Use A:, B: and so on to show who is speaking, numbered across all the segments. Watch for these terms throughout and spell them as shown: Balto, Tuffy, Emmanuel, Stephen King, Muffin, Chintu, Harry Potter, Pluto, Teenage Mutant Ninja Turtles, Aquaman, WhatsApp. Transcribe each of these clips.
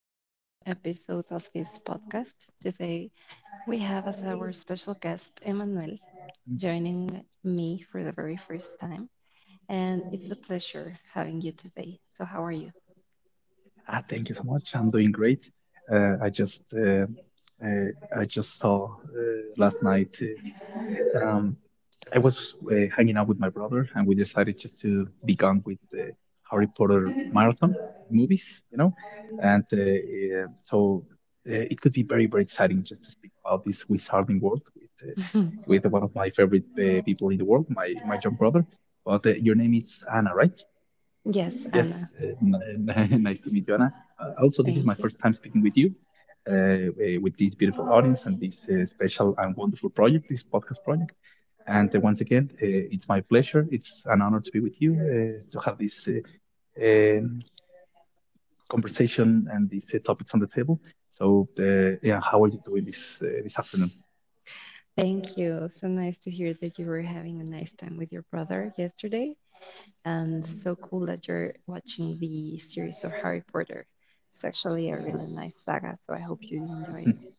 A: to this new episode of this podcast. Today we have as our special guest Emmanuel joining me for the very first time, and it's a pleasure having you today. So, how are you?
B: Ah, thank you so much. I'm doing great. Uh, I just uh, uh, I just saw last night. Um, I was hanging out with my brother, and we decided just to begun with the Harry Potter marathon movies, you know. And so it could be very very exciting just to speak about this wizarding world with one of my favorite people in the world, my young brother. But your name is Anna, right?
A: Yes,
B: Yes,
A: Anna,
B: uh, nice to meet you, Anna. Also, this is my
A: thank you.
B: first time speaking with you, with this beautiful audience and this special and wonderful project, this podcast project. And once again, it's my pleasure. It's an honor to be with you, to have this um, conversation and these topics on the table. So, yeah, how are you doing this this afternoon?
A: Thank you. So nice to hear that you were having a nice time with your brother yesterday, and so cool that you're watching the series of Harry Potter. It's actually a really nice saga, so I hope you enjoy it.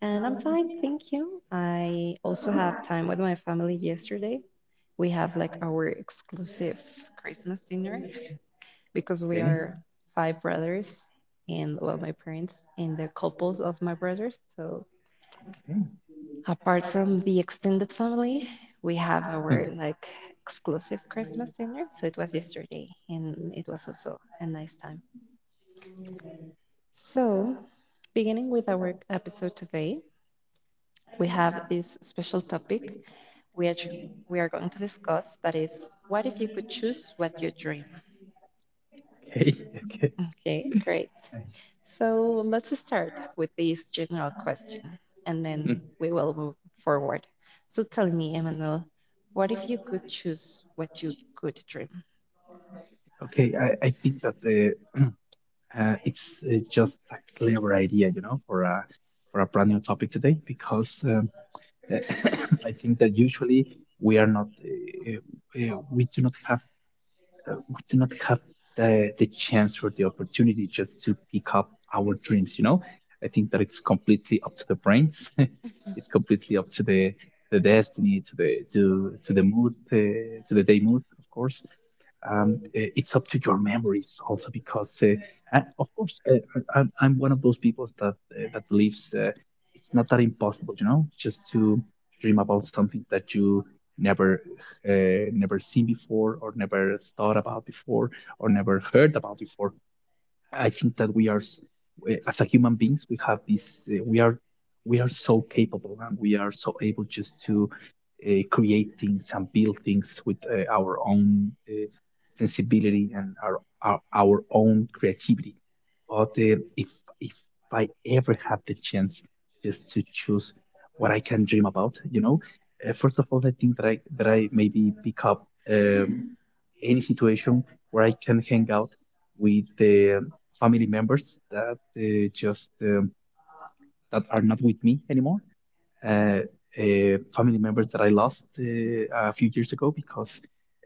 A: And I'm fine, thank you. I also have time with my family yesterday. We have like our exclusive Christmas dinner because we are five brothers and, well, my parents and the couples of my brothers. So apart from the extended family, we have our
B: Mhm.
A: like exclusive Christmas dinner. So it was yesterday and it was also a nice time. So beginning with our episode today, we have this special topic which we are going to discuss, that is, what if you could choose what you dream?
B: Okay, okay, okay,
A: Okay, great.
B: okay.
A: So let's start with this general question and
B: Mm.
A: then we will move forward. So tell me, Emmanuel, what if you could choose what you could dream?
B: Okay, I think that it's just a clever idea, you know, for a brand new topic today because I think that usually we do not have uh, we do not have the chance or the opportunity just to pick up our dreams. I think that it's completely up to the brains. It's completely up to the destiny, to the to the mood, to the day mood, of course, um, uh, it's up to your memories also because and of course I'm one of those people that that believes it's not that impossible, you know, just to dream about something that you never never seen before or never thought about before or never heard about before. I think that we are, as a human beings, we have this. We are, we are so capable, and we are so able just to create things and build things with our own sensibility and our own creativity. But if if I ever have the chance just to choose what I can dream about, you know, first of all, I think that I maybe pick up any situation where I can hang out with the family members that just that are not with me anymore. Uh, Family members that I lost a few years ago because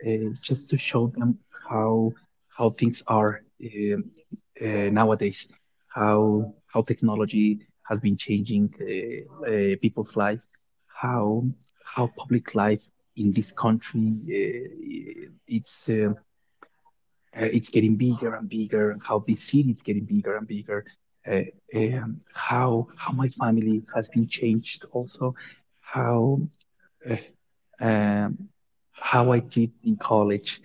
B: uh, just to show them how how things are nowadays, how technology has been changing people's life, how how public life in this country uh, it's. Uh, it's getting bigger and bigger, and how this city is getting bigger and bigger, uh, how my family has been changed, also how uh, um, how I did in college,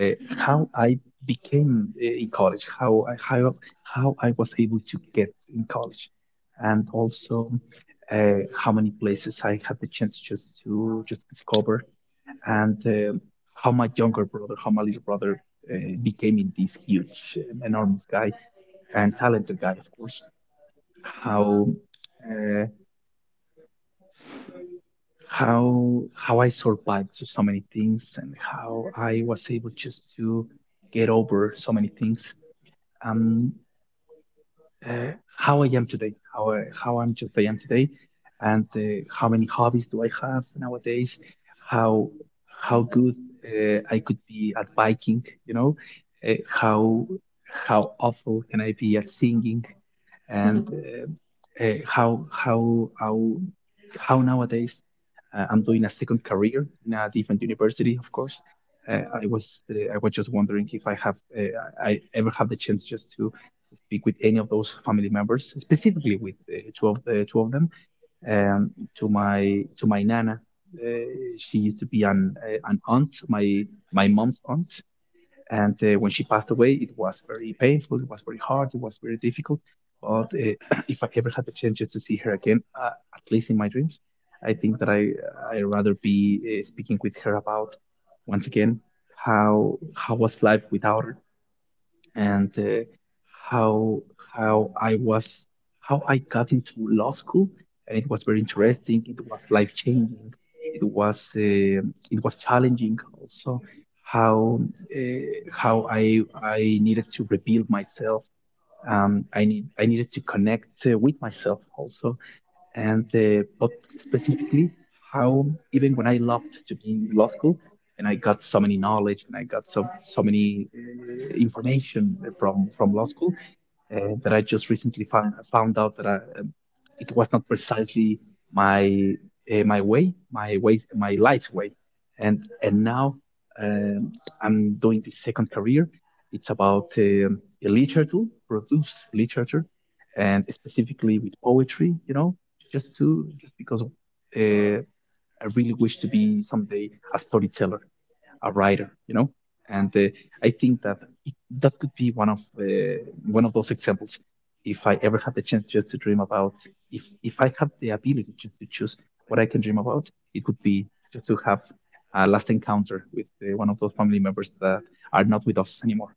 B: uh, how I became in college, how I was able to get in college, and also how many places I had the chance just to just discover, and how my younger brother, how my little brother uh, became in this huge, enormous guy and talented guy, of course. How uh, how I survived to so many things and how I was able just to get over so many things. Um, how I am today, how I'm just I am today, and how many hobbies do I have nowadays, how how good I could be at biking, you know, uh, how how awful can I be at singing, and how nowadays I'm doing a second career in a different university, of course. I was just wondering if I ever have the chance just to speak with any of those family members, specifically with two of them. Um, to my nana, uh, she used to be an aunt, my mom's aunt, and when she passed away, it was very painful, it was very hard, it was very difficult. But if I ever had the chance to see her again, at least in my dreams, I think that I rather be speaking with her about, once again, how was life without her, and how how I was how I got into law school, and it was very interesting. It was life changing. It was uh, it was challenging also. How uh, how I needed to rebuild myself. I needed to connect with myself also, and but specifically how, even when I loved to be in law school and I got so many knowledge and I got so many information from law school, that I just recently found out that it was not precisely my my life way, and now um, I'm doing the second career. It's about a literature, produce literature, and specifically with poetry. You know, just to just because uh, I really wish to be someday a storyteller, a writer, you know. And I think that it, that could be one of those examples. If I ever have the chance just to dream about, if I have the ability to choose what I can dream about, it would be just to have a last encounter with one of those family members that are not with us anymore.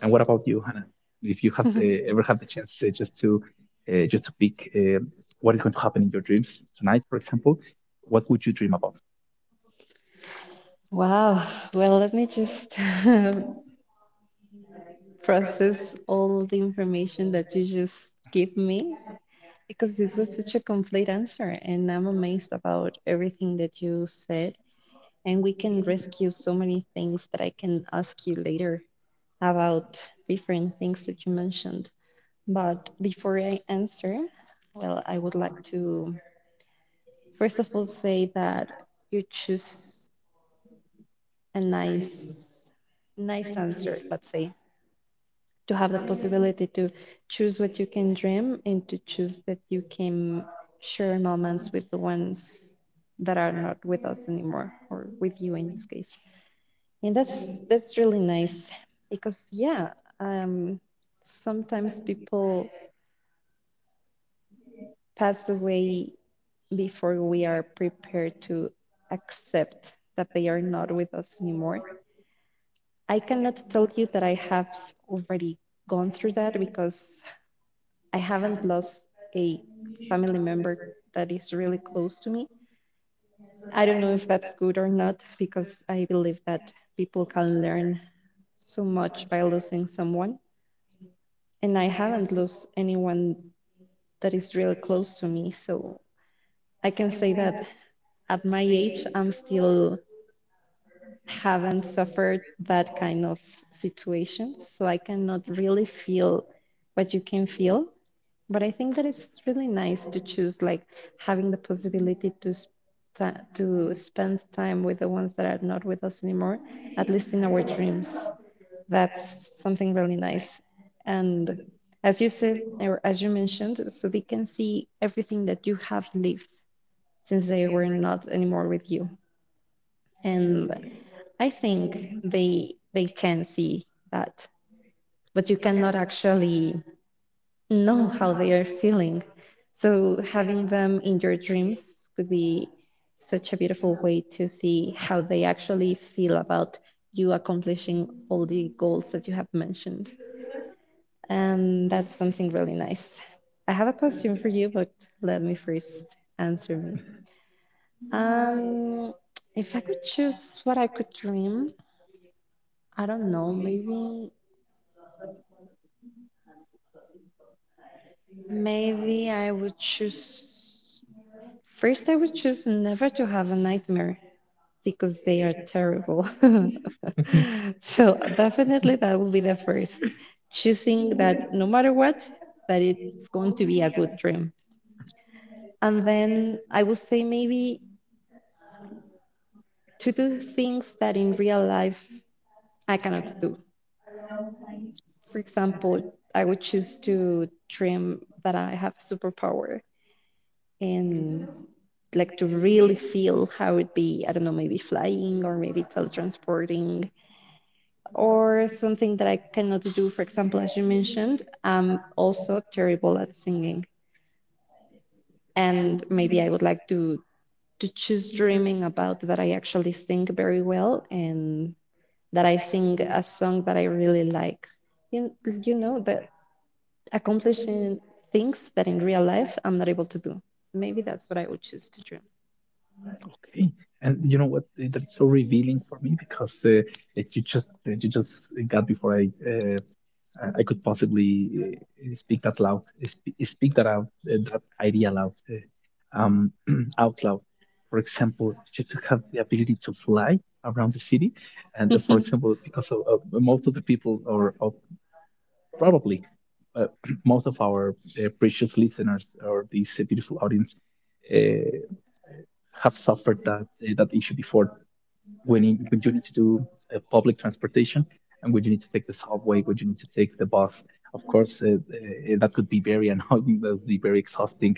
B: And what about you, Hannah? If you have ever had the chance just to pick what is going to happen in your dreams tonight, for example, what would you dream about?
A: Wow. Well, let me just process all the information that you just give me, because this was such a complete answer and I'm amazed about everything that you said, and we can rescue so many things that I can ask you later about different things that you mentioned. But before I answer, well, I would like to first of all say that you choose a nice answer, let's say, to have the possibility to choose what you can dream and to choose that you can share moments with the ones that are not with us anymore, or with you in this case. And that's really nice because, yeah, um sometimes people pass away before we are prepared to accept that they are not with us anymore. I cannot tell you that I have already gone through that, because I haven't lost a family member that is really close to me. I don't know if that's good or not because I believe that people can learn so much by losing someone. And I haven't lost anyone that is really close to me. So I can say that at my age, I'm still haven't suffered that kind of situation. So I cannot really feel what you can feel. But I think that it's really nice to choose, like, having the possibility to to spend time with the ones that are not with us anymore, at least in our dreams. That's something really nice. And, as you said or as you mentioned, so they can see everything that you have lived since they were not anymore with you. And I think they can see that, but you cannot actually know how they are feeling. So having them in your dreams could be such a beautiful way to see how they actually feel about you accomplishing all the goals that you have mentioned. And that's something really nice. I have a question for you, but let me first answer me. Um, if I could choose what I could dream, I don't know, maybe I would choose, first, I would choose never to have a nightmare because they are terrible. So definitely that will be the first. Choosing that no matter what, that it's going to be a good dream. And then I would say maybe to do things that in real life I cannot do. For example, I would choose to dream that I have a superpower and, like, to really feel how it be, I don't know, maybe flying or maybe teletransporting or something that I cannot do. For example, as you mentioned, I'm also terrible at singing, and maybe I would like to choose dreaming about that I actually sing very well and that I sing a song that I really like. You, you know that accomplishing things that in real life I'm not able to do. Maybe that's what I would choose to dream.
B: Okay, and you know what? That's so revealing for me because that you just got before I uh, I could possibly speak that loud, speak that out, that idea loud, out loud. For example, you to have the ability to fly around the city, and for example, because of most of the people, or probably uh, most of our precious listeners or this beautiful audience uh, have suffered that that issue before when when you need to do public transportation, and when you need to take the subway, when you need to take the bus. Of course, that could be very annoying, that would be very exhausting,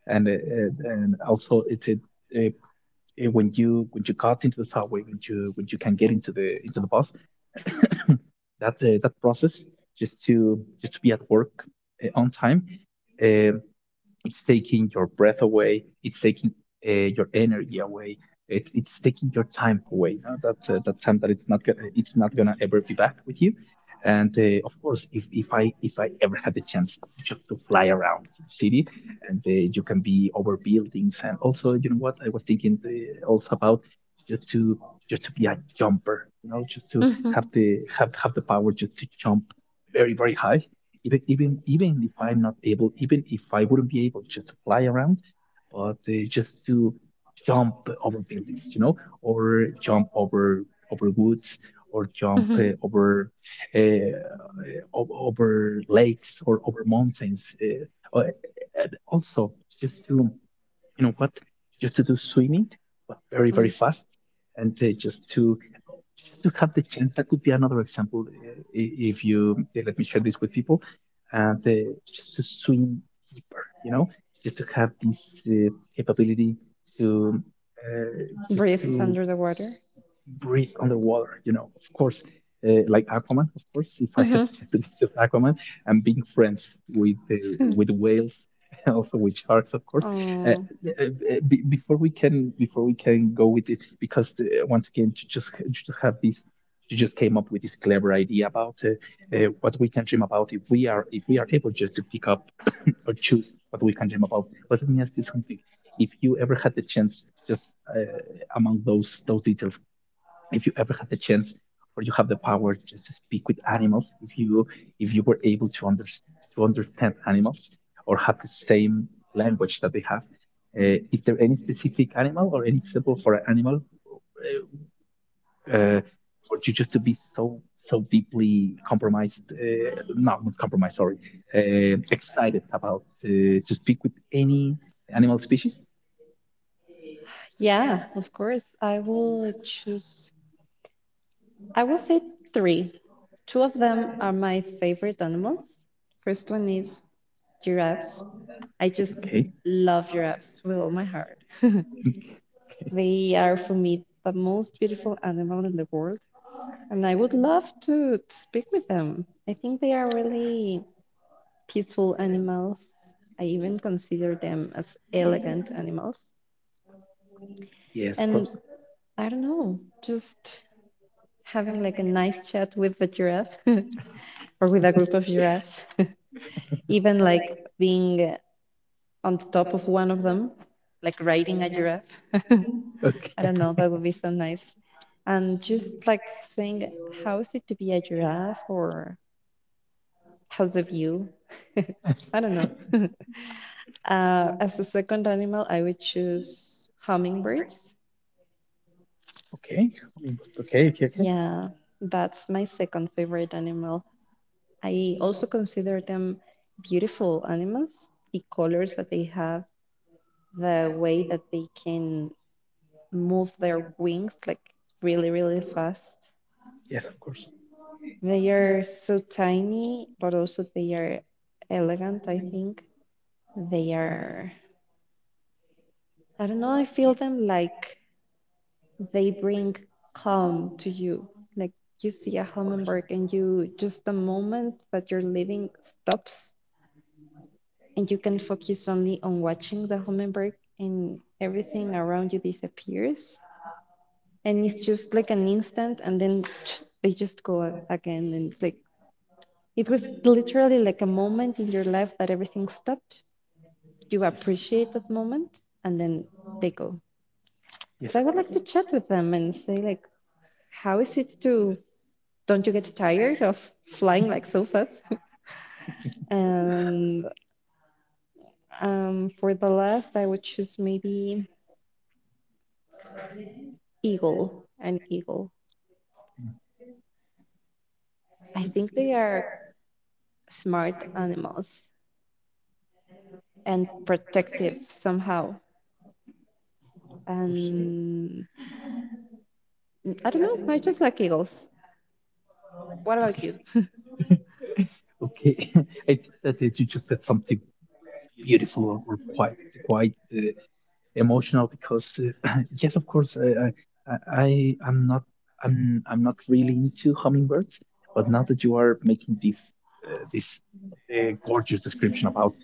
B: and also it's a uh, when you got into the subway, when you can get into the bus, that that process just to be at work on time. Uh, it's taking your breath away. It's taking your energy away. It's taking your time away. No? That that time that it's not gonna ever be back with you. And of course, if, if I ever had the chance to just to fly around the city, and you can be over buildings, and also you know what I was thinking also about just to just to be a jumper, you know, just to
A: Hmm.
B: have the power just to jump very very high, even if I'm not able, even if I wouldn't be able just to fly around, but just to jump over buildings, you know, or jump over over woods, or jump
A: Hmm.
B: over uh, over lakes or over mountains. And also, just to, you know what, just to do swimming, but very very
A: Mm.
B: fast, and just to have the chance. That could be another example. If you let me share this with people, uh, the, just to swim deeper, you know, just to have this uh, capability to uh, just
A: Breathe
B: to
A: under the water.
B: breathe underwater, you know. Of course, like Aquaman, of course. If I had
A: Mm-hmm.
B: the chance to be just Aquaman and being friends with the with whales, also with sharks, of course. Uh,
A: Oh,
B: yeah, be- before we can go with it, because once again you just have this. You just came up with this clever idea about what we can dream about, if we are able just to pick up or choose what we can dream about. But let me ask you something. If you ever had the chance, just among those details, if you ever had the chance or you have the power to speak with animals, if you were able to understand animals or have the same language that they have, is there any specific animal or any example for an animal, uh, uh, for you just to be so deeply compromised, no, not compromised, sorry, excited about, to speak with any animal species?
A: yeah, of course. I will say three. Two of them are my favorite animals. First one is giraffes. I just
B: Okay.
A: love giraffes with all my heart. They are for me the most beautiful animal in the world, and I would love to speak with them. I think they are really peaceful animals. I even consider them as elegant animals.
B: Yes, of
A: And
B: course.
A: I don't know, just having like a nice chat with the giraffe, or with a group of giraffes, even like being on top of one of them, like riding a giraffe. I
B: Okay.
A: don't know, that would be so nice. And just like saying, how is it to be a giraffe, or how's the view? I don't know. As a second animal, I would choose hummingbirds.
B: Okay. Homing bird. Okay, okay, okay.
A: Yeah, that's my second favorite animal. I also consider them beautiful animals, the colors that they have, the way that they can move their wings, like, really, really fast.
B: Yes, of course.
A: They are so tiny, but also they are elegant, I think. They are, I don't know, I feel them like they bring calm to you. Like, you see a hummingbird and you, just the moment that you're living stops and you can focus only on watching the homework and everything around you disappears, and it's just like an instant. And then they just go again, and it's like it was literally like a moment in your life that everything stopped. You
B: Yes,
A: appreciate that moment and then they go.
B: yes,
A: So I
B: of
A: would
B: course.
A: like to chat with them and say, like, how is it to, don't you get tired of flying like so fast? And, for the last, I would choose maybe eagle an eagle.
B: Mm.
A: I think they are smart animals and protective somehow.
B: Of course.
A: And I don't know, I just like eagles. What about
B: Okay,
A: you?
B: okay. I think that it, you just said something beautiful, or quite quite emotional, because yes, of course, I I am not, I'm not really into hummingbirds, but now that you are making this a gorgeous description about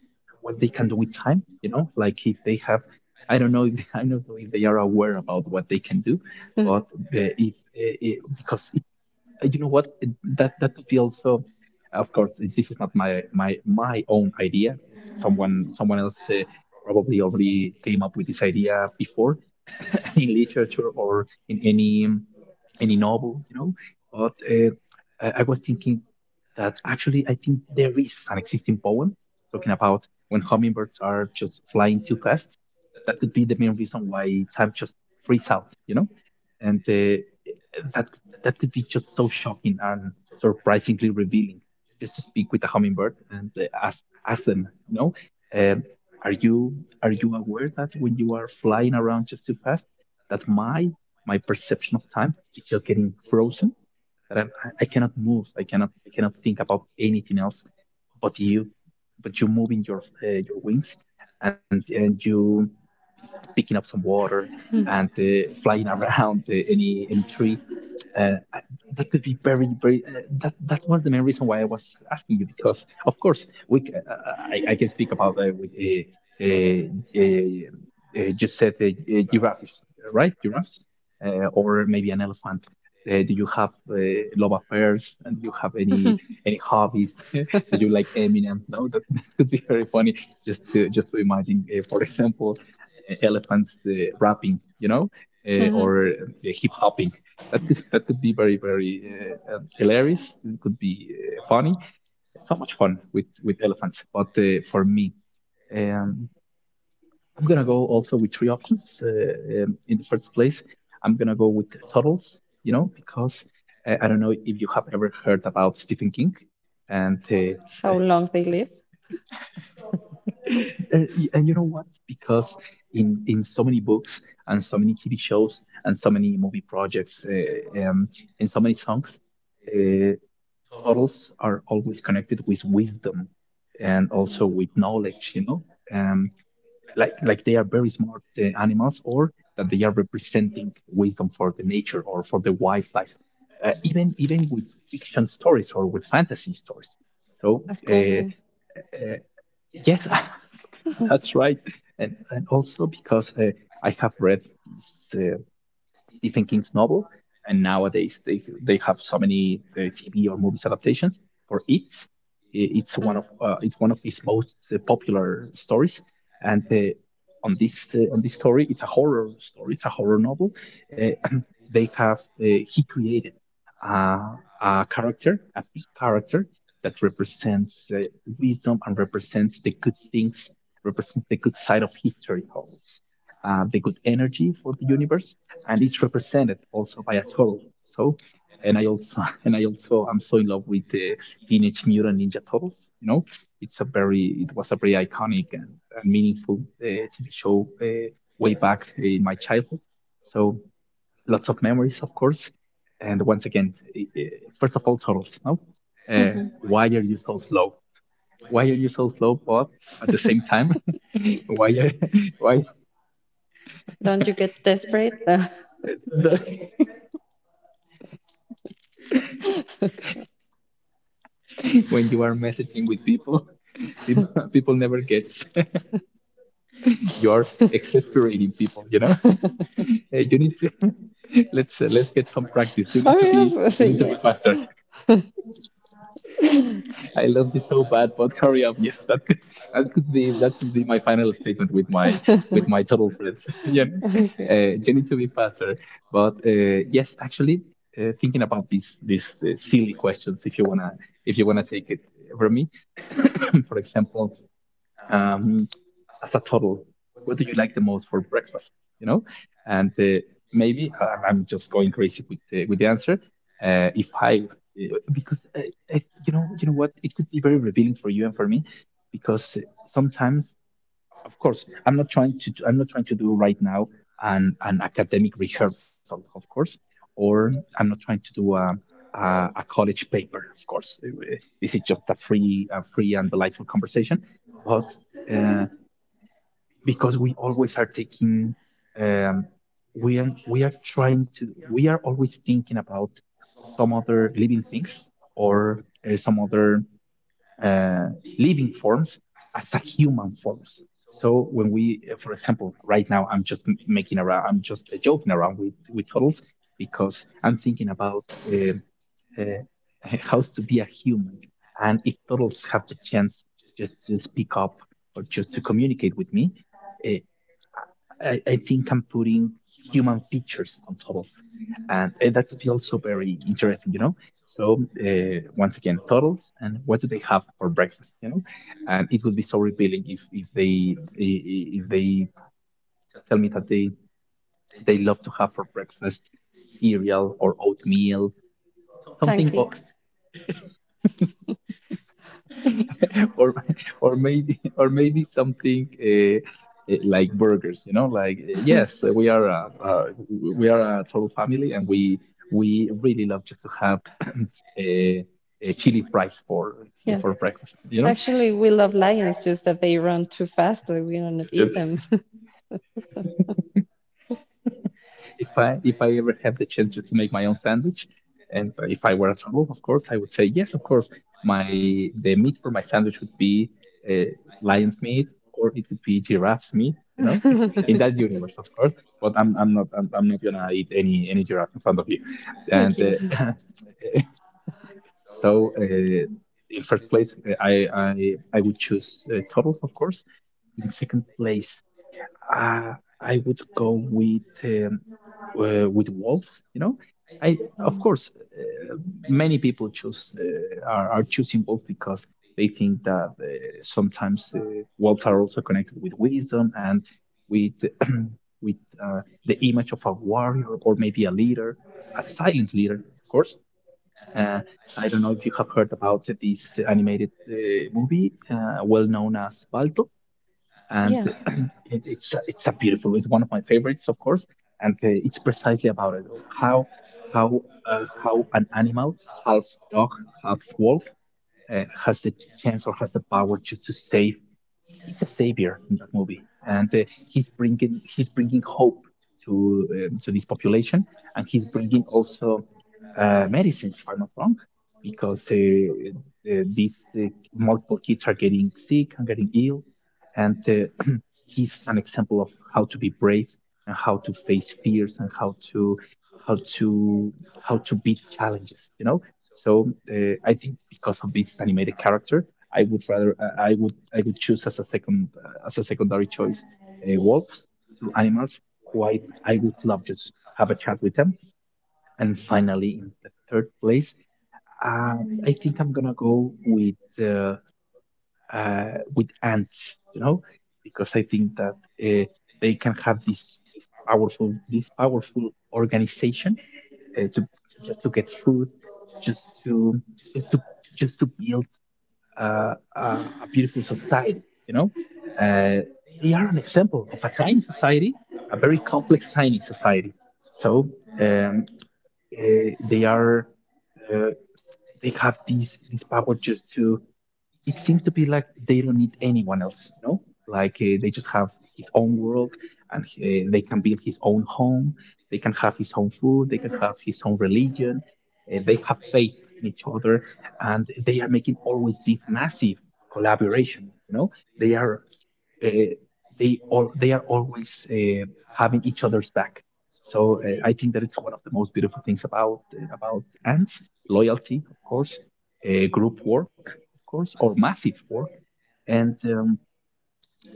B: what they can do with time. You know, like if they have, I don't know, if, I don't know if they are aware about what they can do, but if it, because you know what, that that could be also, of course, this is not my own idea. Someone else probably already came up with this idea before, in literature or in any novel, you know. But I was thinking that actually I think there is an existing poem talking about when hummingbirds are just flying too fast. That could be the main reason why time just freeze out, you know, and that that could be just so shocking and surprisingly revealing. Just speak with a hummingbird and ask them, you know, um, are you, are you aware that when you are flying around just too fast, that my perception of time is just getting frozen, that I cannot move, I cannot, I cannot think about anything else, but you, but you moving your wings, and you picking up some water, and flying around any tree, uh, I- that could be very, very. That that was the main reason why I was asking you, because, of course, I can speak about, with you said, giraffes, right? Giraffes, or maybe an elephant. Do you have, love affairs? And do you have any hobbies? Do you like Eminem? No, that, that could be very funny. Just to imagine, for example, elephants rapping, you know, uh,
A: Mhm.
B: or uh, hip hopping. That could be very, very, hilarious. It could be funny. It's so much fun with elephants. But for me, um, I'm going to go also with three options. In the first place, I'm going to go with turtles, you know, because I don't know if you have ever heard about Stephen King. And,
A: How long they live?
B: and you know what? Because in so many books and so many TV shows and so many movie projects, and so many songs, uh, totals are always connected with wisdom and
A: Yeah,
B: also with knowledge, you know. um, like they are very smart animals, or that they are representing wisdom for the nature or for the wildlife, even even with fiction stories or with fantasy stories. So
A: as
B: uh,
A: kung fu.
B: uh, yes. That's right. And also because I have read this Stephen King's novel, and nowadays they have so many TV or movies adaptations for it. It's one
A: Mm.
B: of, it's one of his most popular stories, and on this, on this story, it's a horror story. It's a horror novel. Uh, they have, uh, he created uh, a character, a big character that represents, wisdom, and represents the good things, represents the good side of history, always, the good energy for the universe, and it's represented also by a turtle. So, and I also, and I also, I'm so in love with the Teenage Mutant Ninja Turtles. You know, it's a very, it was a very iconic and meaningful TV show way back in my childhood. So lots of memories, of course. And once again, first of all, turtles. No, uh,
A: Mhm.
B: why are you so slow? Why are you so slow? But at the same time, why are, why?
A: Don't you get desperate?
B: When you are messaging with people, people, people never gets, you're exasperating people. You know, uh, you need to, let's get some practice.
A: Hurry up.
B: You need to be
A: Yes.
B: faster. I love you so bad, but hurry up. Yes, that could be my final statement with my with my total friends. Yeah,
A: Okay.
B: you need to be faster. But yes, actually, thinking about these silly questions, if you wanna, if you wanna take it from me, for example. Um, as a total, what do you like the most for breakfast, you know, and maybe, I'm just going crazy with the answer, if I because if, you know what, it could be very revealing for you and for me, because sometimes, of course, I'm not trying to do right now an academic rehearsal, of course, or I'm not trying to do a, a college paper, of course. This is just a free and delightful conversation, but uh, because we always are taking, um, we are trying to, we are always thinking about some other living things or some other uh, living forms as a human forms. So when we for example right now, I'm just making around, I'm just joking around with turtles, because I'm thinking about uh, uh, how to be a human. And if turtles have the chance just to speak up or just to communicate with me, uh, I think I'm putting human features on turtles, and that would be also very interesting, you know. So once again, turtles, and what do they have for breakfast, you know? And it would be so revealing if they tell me that they love to have for breakfast cereal or oatmeal, something.
A: Pancakes.
B: or or maybe, or maybe something, like burgers, you know, like, yes, we are we are a total family, and we really love just to have a, a chili fries for
A: Yeah.
B: for breakfast, you
A: Actually, we love lions, just that they run too fast that we don't
B: know.
A: eat them.
B: If I, if I ever had the chance to make my own sandwich, and if I were at home, of course, I would say yes, of course. My The meat for my sandwich would be, uh, lion's meat, or it could be giraffe's meat. You know, in that universe, of course. But I'm not gonna eat any giraffe in front of you, and
A: Thank you.
B: so. In first place, I would choose turtles, of course. In second place, uh, I would go with, with wolves, you know. I, of course, many people choose, are choosing wolves because they think that sometimes wolves are also connected with wisdom and with with uh, the image of a warrior, or maybe a leader, a silent leader, of course. Uh, I don't know if you have heard about this animated movie well known as Balto. And
A: Yeah.
B: uh, it, it's it's a beautiful. It's one of my favorites, of course, and it's precisely about it, how how, how an animal, half dog, half wolf, has the chance or has the power to save. He's a savior in that movie, and he's bringing, he's bringing hope to, to this population, and he's bringing also, medicines, if I'm not wrong, because these uh, multiple kids are getting sick and getting ill, and he's an example of how to be brave, and how to face fears, and how to, how to how to beat challenges, you know. So I think because of this animated character, I would rather, I would choose as a second, as a secondary choice, wolves. Two animals who I would love to have a chat with them. And finally, in the third place, uh, I think I'm gonna go with, uh, with ants. You know, because I think that uh, they can have this, this powerful organization to just to get food, just to, just to just to build uh, uh, a beautiful society. You know, uh, they are an example of a tiny society, a very complex tiny society. So um, uh, they are uh, they have these this power just to it seems to be like they don't need anyone else, you know? Like they just have his own world, and they can build his own home, they can have his own food, they can have his own religion. They have faith in each other, and they are making always this massive collaboration, you know? They are uh, they all they are always having each other's back. So I think that it's one of the most beautiful things about ants: loyalty, of course, group work, of course, or massive work. And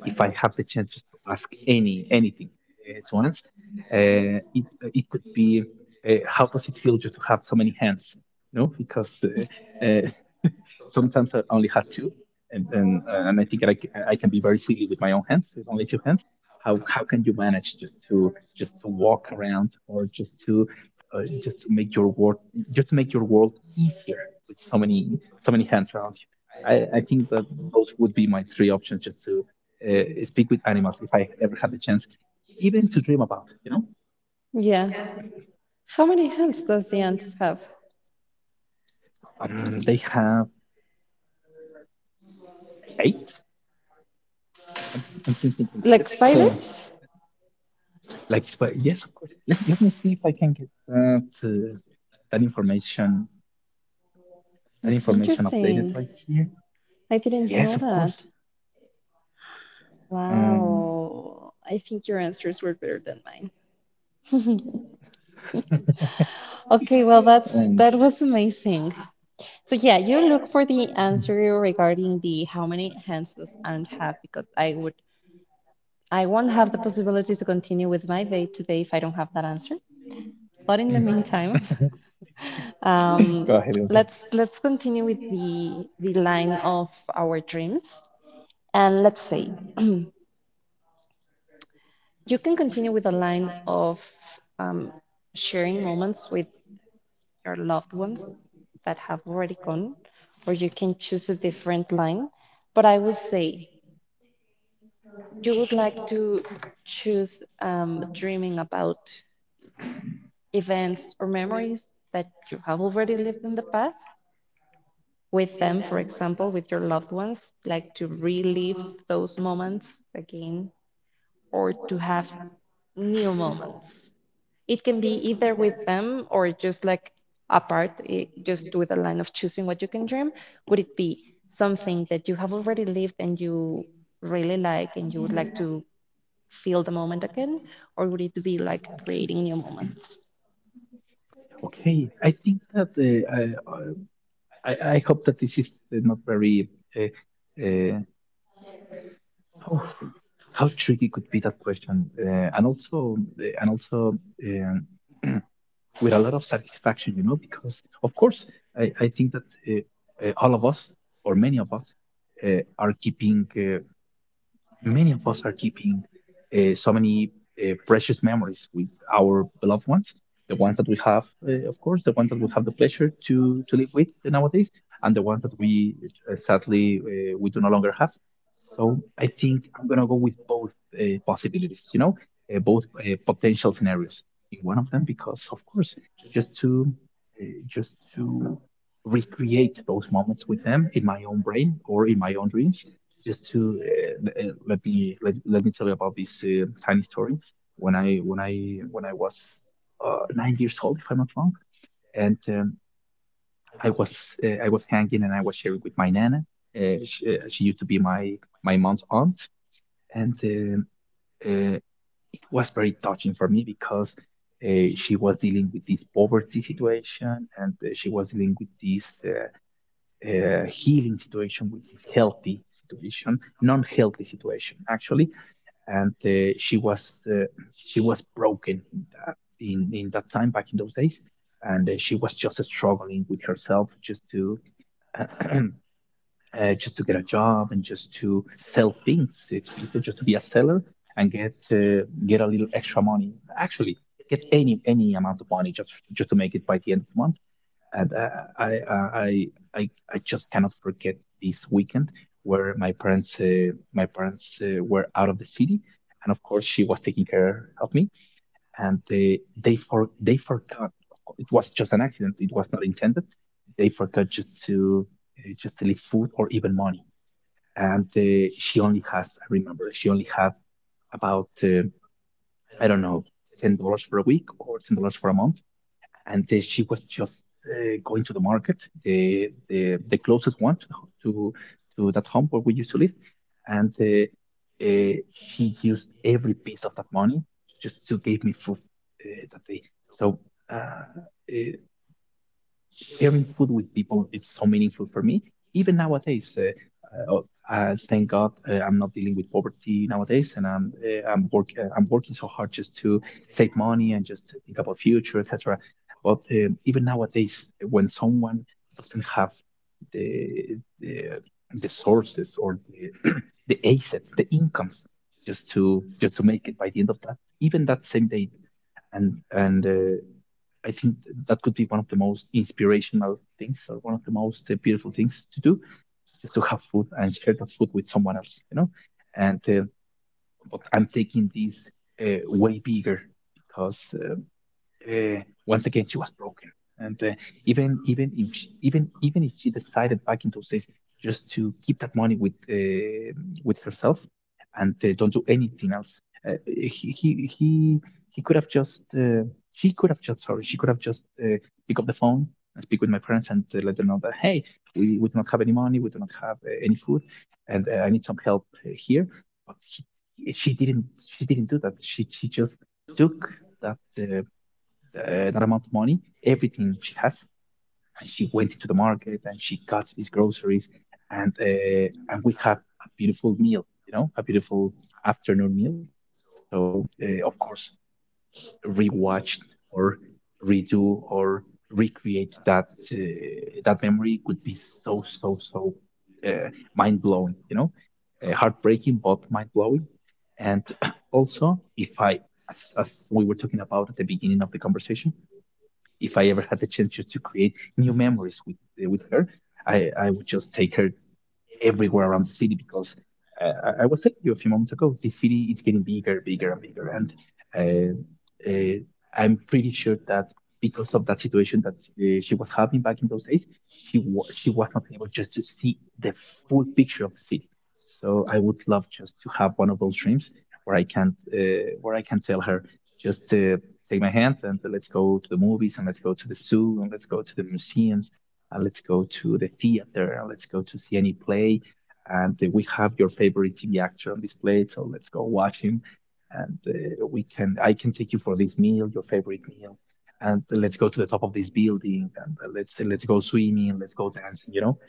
B: If I have the chance to ask anything to ants, uh, it it could be how does it feel just to have so many hands? No, because sometimes I only had two, and I think I can be very silly with my own hands, with only two hands. How can you manage just to walk around or just to make your world just to make your world easier with so many so many hands around you? I think that those would be my three options just to speak with animals if I ever had the chance, even to dream about. You know,
A: Yeah. How many hands does the ants have?
B: they have 8. i I'm thinking.
A: Like
B: Let's. Uh,
A: spiders?
B: but yes, of course. Let me see if I can get that, that information that
A: That's
B: information updated
A: interesting.
B: right here.
A: I didn't
B: Yes,
A: know
B: of course.
A: that.
B: Um,
A: Wow. I think your answers were better than mine. Okay, well,
B: and
A: that was amazing. So, yeah, you look for the answer regarding the how many hands does Ant have, because I won't have the possibility to continue with my day today if I don't have that answer. But
B: Mm.
A: in the meantime,
B: Go
A: um,
B: ahead, go ahead.
A: let's continue with the line of our dreams, and let's say you can continue with a line of, um, sharing moments with your loved ones that have already gone, or you can choose a different line. But I would say you would like to choose, dreaming about events or memories that you have already lived in the past with them, for example, with your loved ones, like to relive those moments again, or to have new moments. It can be either with them or just like apart, it, just with a line of choosing what you can dream? Would it be something that you have already lived and you really like and you would like to feel the moment again? Or would it be like creating new moments?
B: Okay, I think that uh, I I hope that this is not very uh, uh, how how tricky could be that question, and also with a lot of satisfaction, you know, because of course, I think that all of us or many of us are keeping many of us are keeping so many precious memories with our beloved ones, the ones that we have, of course, the ones that we have the pleasure to live with nowadays, and the ones that we sadly we do no longer have. So I think I'm gonna go with both possibilities, you know, both potential scenarios in one of them, because of course, just to uh, just to recreate those moments with them in my own brain or in my own dreams just to let me tell you about this tiny story. When I when I when I was 9 years old, if I'm not wrong, and I was I was hanging and I was sharing with my nana. She used to be my my mom's aunt, and uh, it was very touching for me because she was dealing with this poverty situation, and she was dealing with this healing situation, with this healthy situation, non-healthy situation actually. And she was broken in in that time back in those days, and she was just struggling with herself just to uh, just to get a job and just to sell things to people, just to be a seller and get a little extra money, actually get any amount of money, just to make it by the end of the month. And I I I I, I just cannot forget this weekend where my parents were out of the city, and of course she was taking care of me, and they forgot, it was just an accident, it was not intended, they forgot just to leave food or even money, and she only has, I remember she only had about I don't know, $10 for a week or $10 for a month. And then she was just going to the market, the closest one to the to that home where we used to live, and uh, she used every piece of that money just to give me food that day. So uh, uh, sharing food with people, it's so meaningful for me even nowadays. Uh, oh, Thank god I'm not dealing with poverty nowadays, and I'm working so hard just to save money and just to think about future etc. But even nowadays, when someone doesn't have the the, the sources, or the the assets, the incomes, just to make it by the end of that, even that same day, and I think that could be one of the most inspirational things, or one of the most beautiful things to do, just to have food and share that food with someone else, you know. And but I'm taking this way bigger, because once again she was broken, and even if she decided back in those days just to keep that money with herself, and don't do anything else, uh, he, he he he could have just she could have just, sorry, she could have just pick up the phone and speak with my parents and let them know that hey, we do not have any money, we do not have any food, and I need some help here. But she didn't she didn't do that, she just took that that amount of money, everything she has, and she went into the market and she got these groceries, and we had a beautiful meal, you know, a beautiful afternoon meal. So of course, rewatch or redo or recreate that uh, that memory would be so so so uh, mind blowing, you know, heartbreaking but mind blowing. And also, if I, as we were talking about at the beginning of the conversation, if I ever had the chance just to create new memories with her, I would just take her everywhere around the city, because uh, I was telling you a few moments ago, the city is getting bigger, bigger, and bigger. And I'm pretty sure that because of that situation that she was having back in those days, she was not able just to see the full picture of the city. So I would love just to have one of those dreams where I can uh, where I can tell her just take my hand, and let's go to the movies, and let's go to the zoo, and let's go to the museums, and let's go to the theater, and let's go to see any play. And we have your favorite TV actor on display, so let's go watch him. And I can take you for this meal, your favorite meal, and let's go to the top of this building, and let's go swimming, let's go dancing, you know.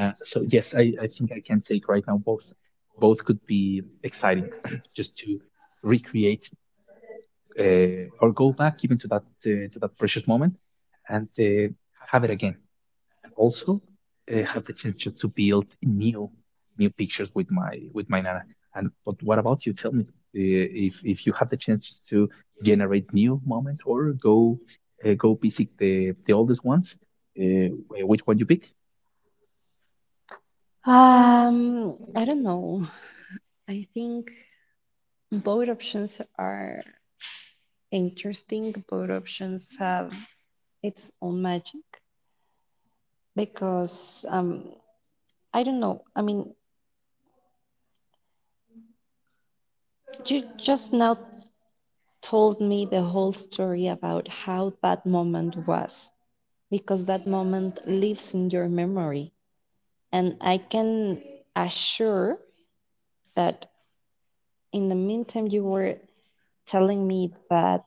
B: So yes, I think I can take right now both. Both could be exciting, just to recreate or go back even to that precious moment, and have it again, and also have the chance just to build new new pictures with my nana. And but what about you? Tell me if you have the chance to generate new moments or go go visit the oldest ones. Uh, which one you pick?
A: I don't know. I think both options are interesting. Both options have its own magic because, I don't know. I mean, you just now told me the whole story about how that moment was because that moment lives in your memory. And I can assure that in the meantime, you were telling me that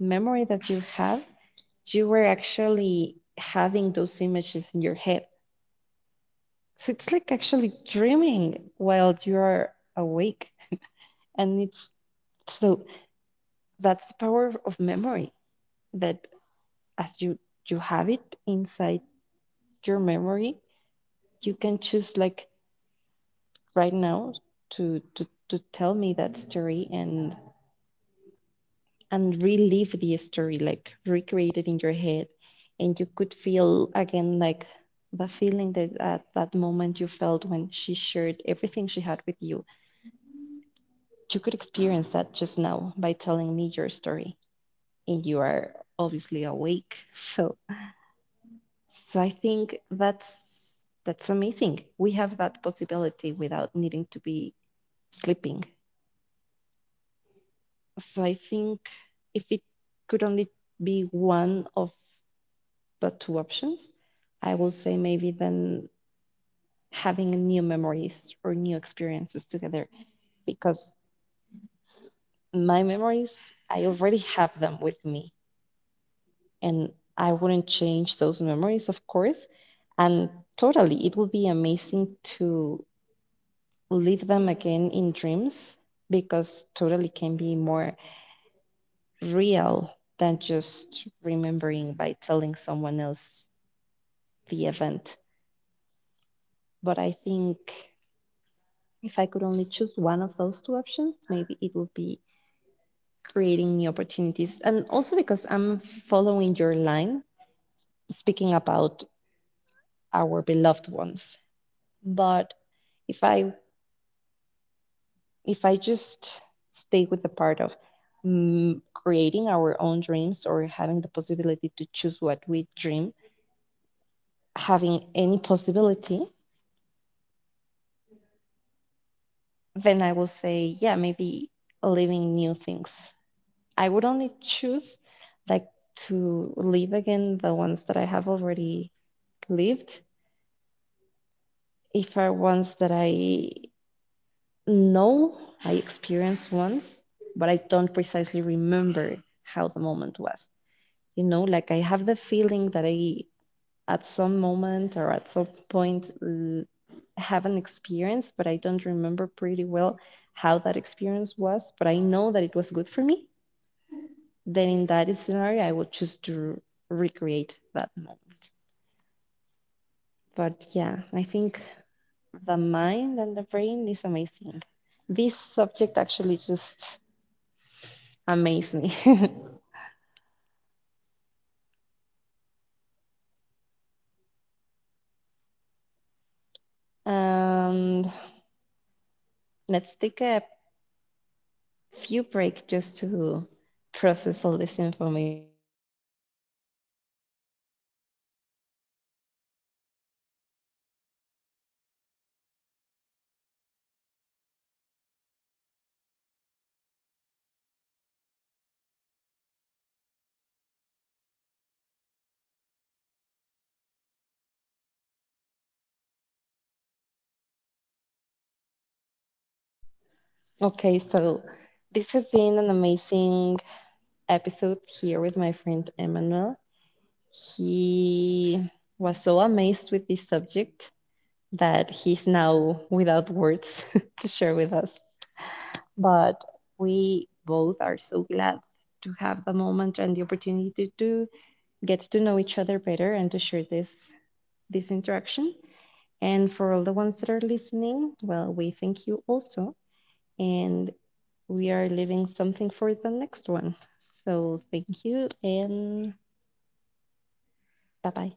A: memory that you have, you were actually having those images in your head. So it's like actually dreaming while you're awake. And it's so that's the power of memory that as you, you have it inside your memory, you can choose, like, right now to tell me that story and relive the story, like, recreate it in your head, and you could feel again, like, the feeling that at that moment you felt when she shared everything she had with you. You could experience that just now by telling me your story, and you are obviously awake. So I think that's amazing. We have that possibility without needing to be sleeping. So I think if it could only be one of the two options, I would say maybe then having new memories or new experiences together, because my memories, I already have them with me, and I wouldn't change those memories, of course. And totally, it would be amazing to live them again in dreams, because totally can be more real than just remembering by telling someone else the event. But I think if I could only choose one of those two options, maybe it would be creating new opportunities. And also because I'm following your line, speaking about our beloved ones. But if I if I just stay with the part of, mm, creating our own dreams or having the possibility to choose what we dream, having any possibility, then I will say, yeah, maybe living new things. I would only choose, like, to live again the ones that I have already lived if are ones that I know I experienced once, but I don't precisely remember how the moment was. You know, like, I have the feeling that I at some moment or at some point have an experience, but I don't remember pretty well how that experience was, but I know that it was good for me. Then in that scenario, I would choose to recreate that moment. But, yeah, I think the mind and the brain is amazing. This subject actually just amazed me. And let's take a few break just to process all this information. Okay, so this has been an amazing episode here with my friend Emmanuel. He was so amazed with this subject that he's now without words to share with us. But we both are so glad to have the moment and the opportunity to get to know each other better and to share this interaction. And for all the ones that are listening, well, we thank you also, and we are leaving something for the next one. So thank you and bye bye.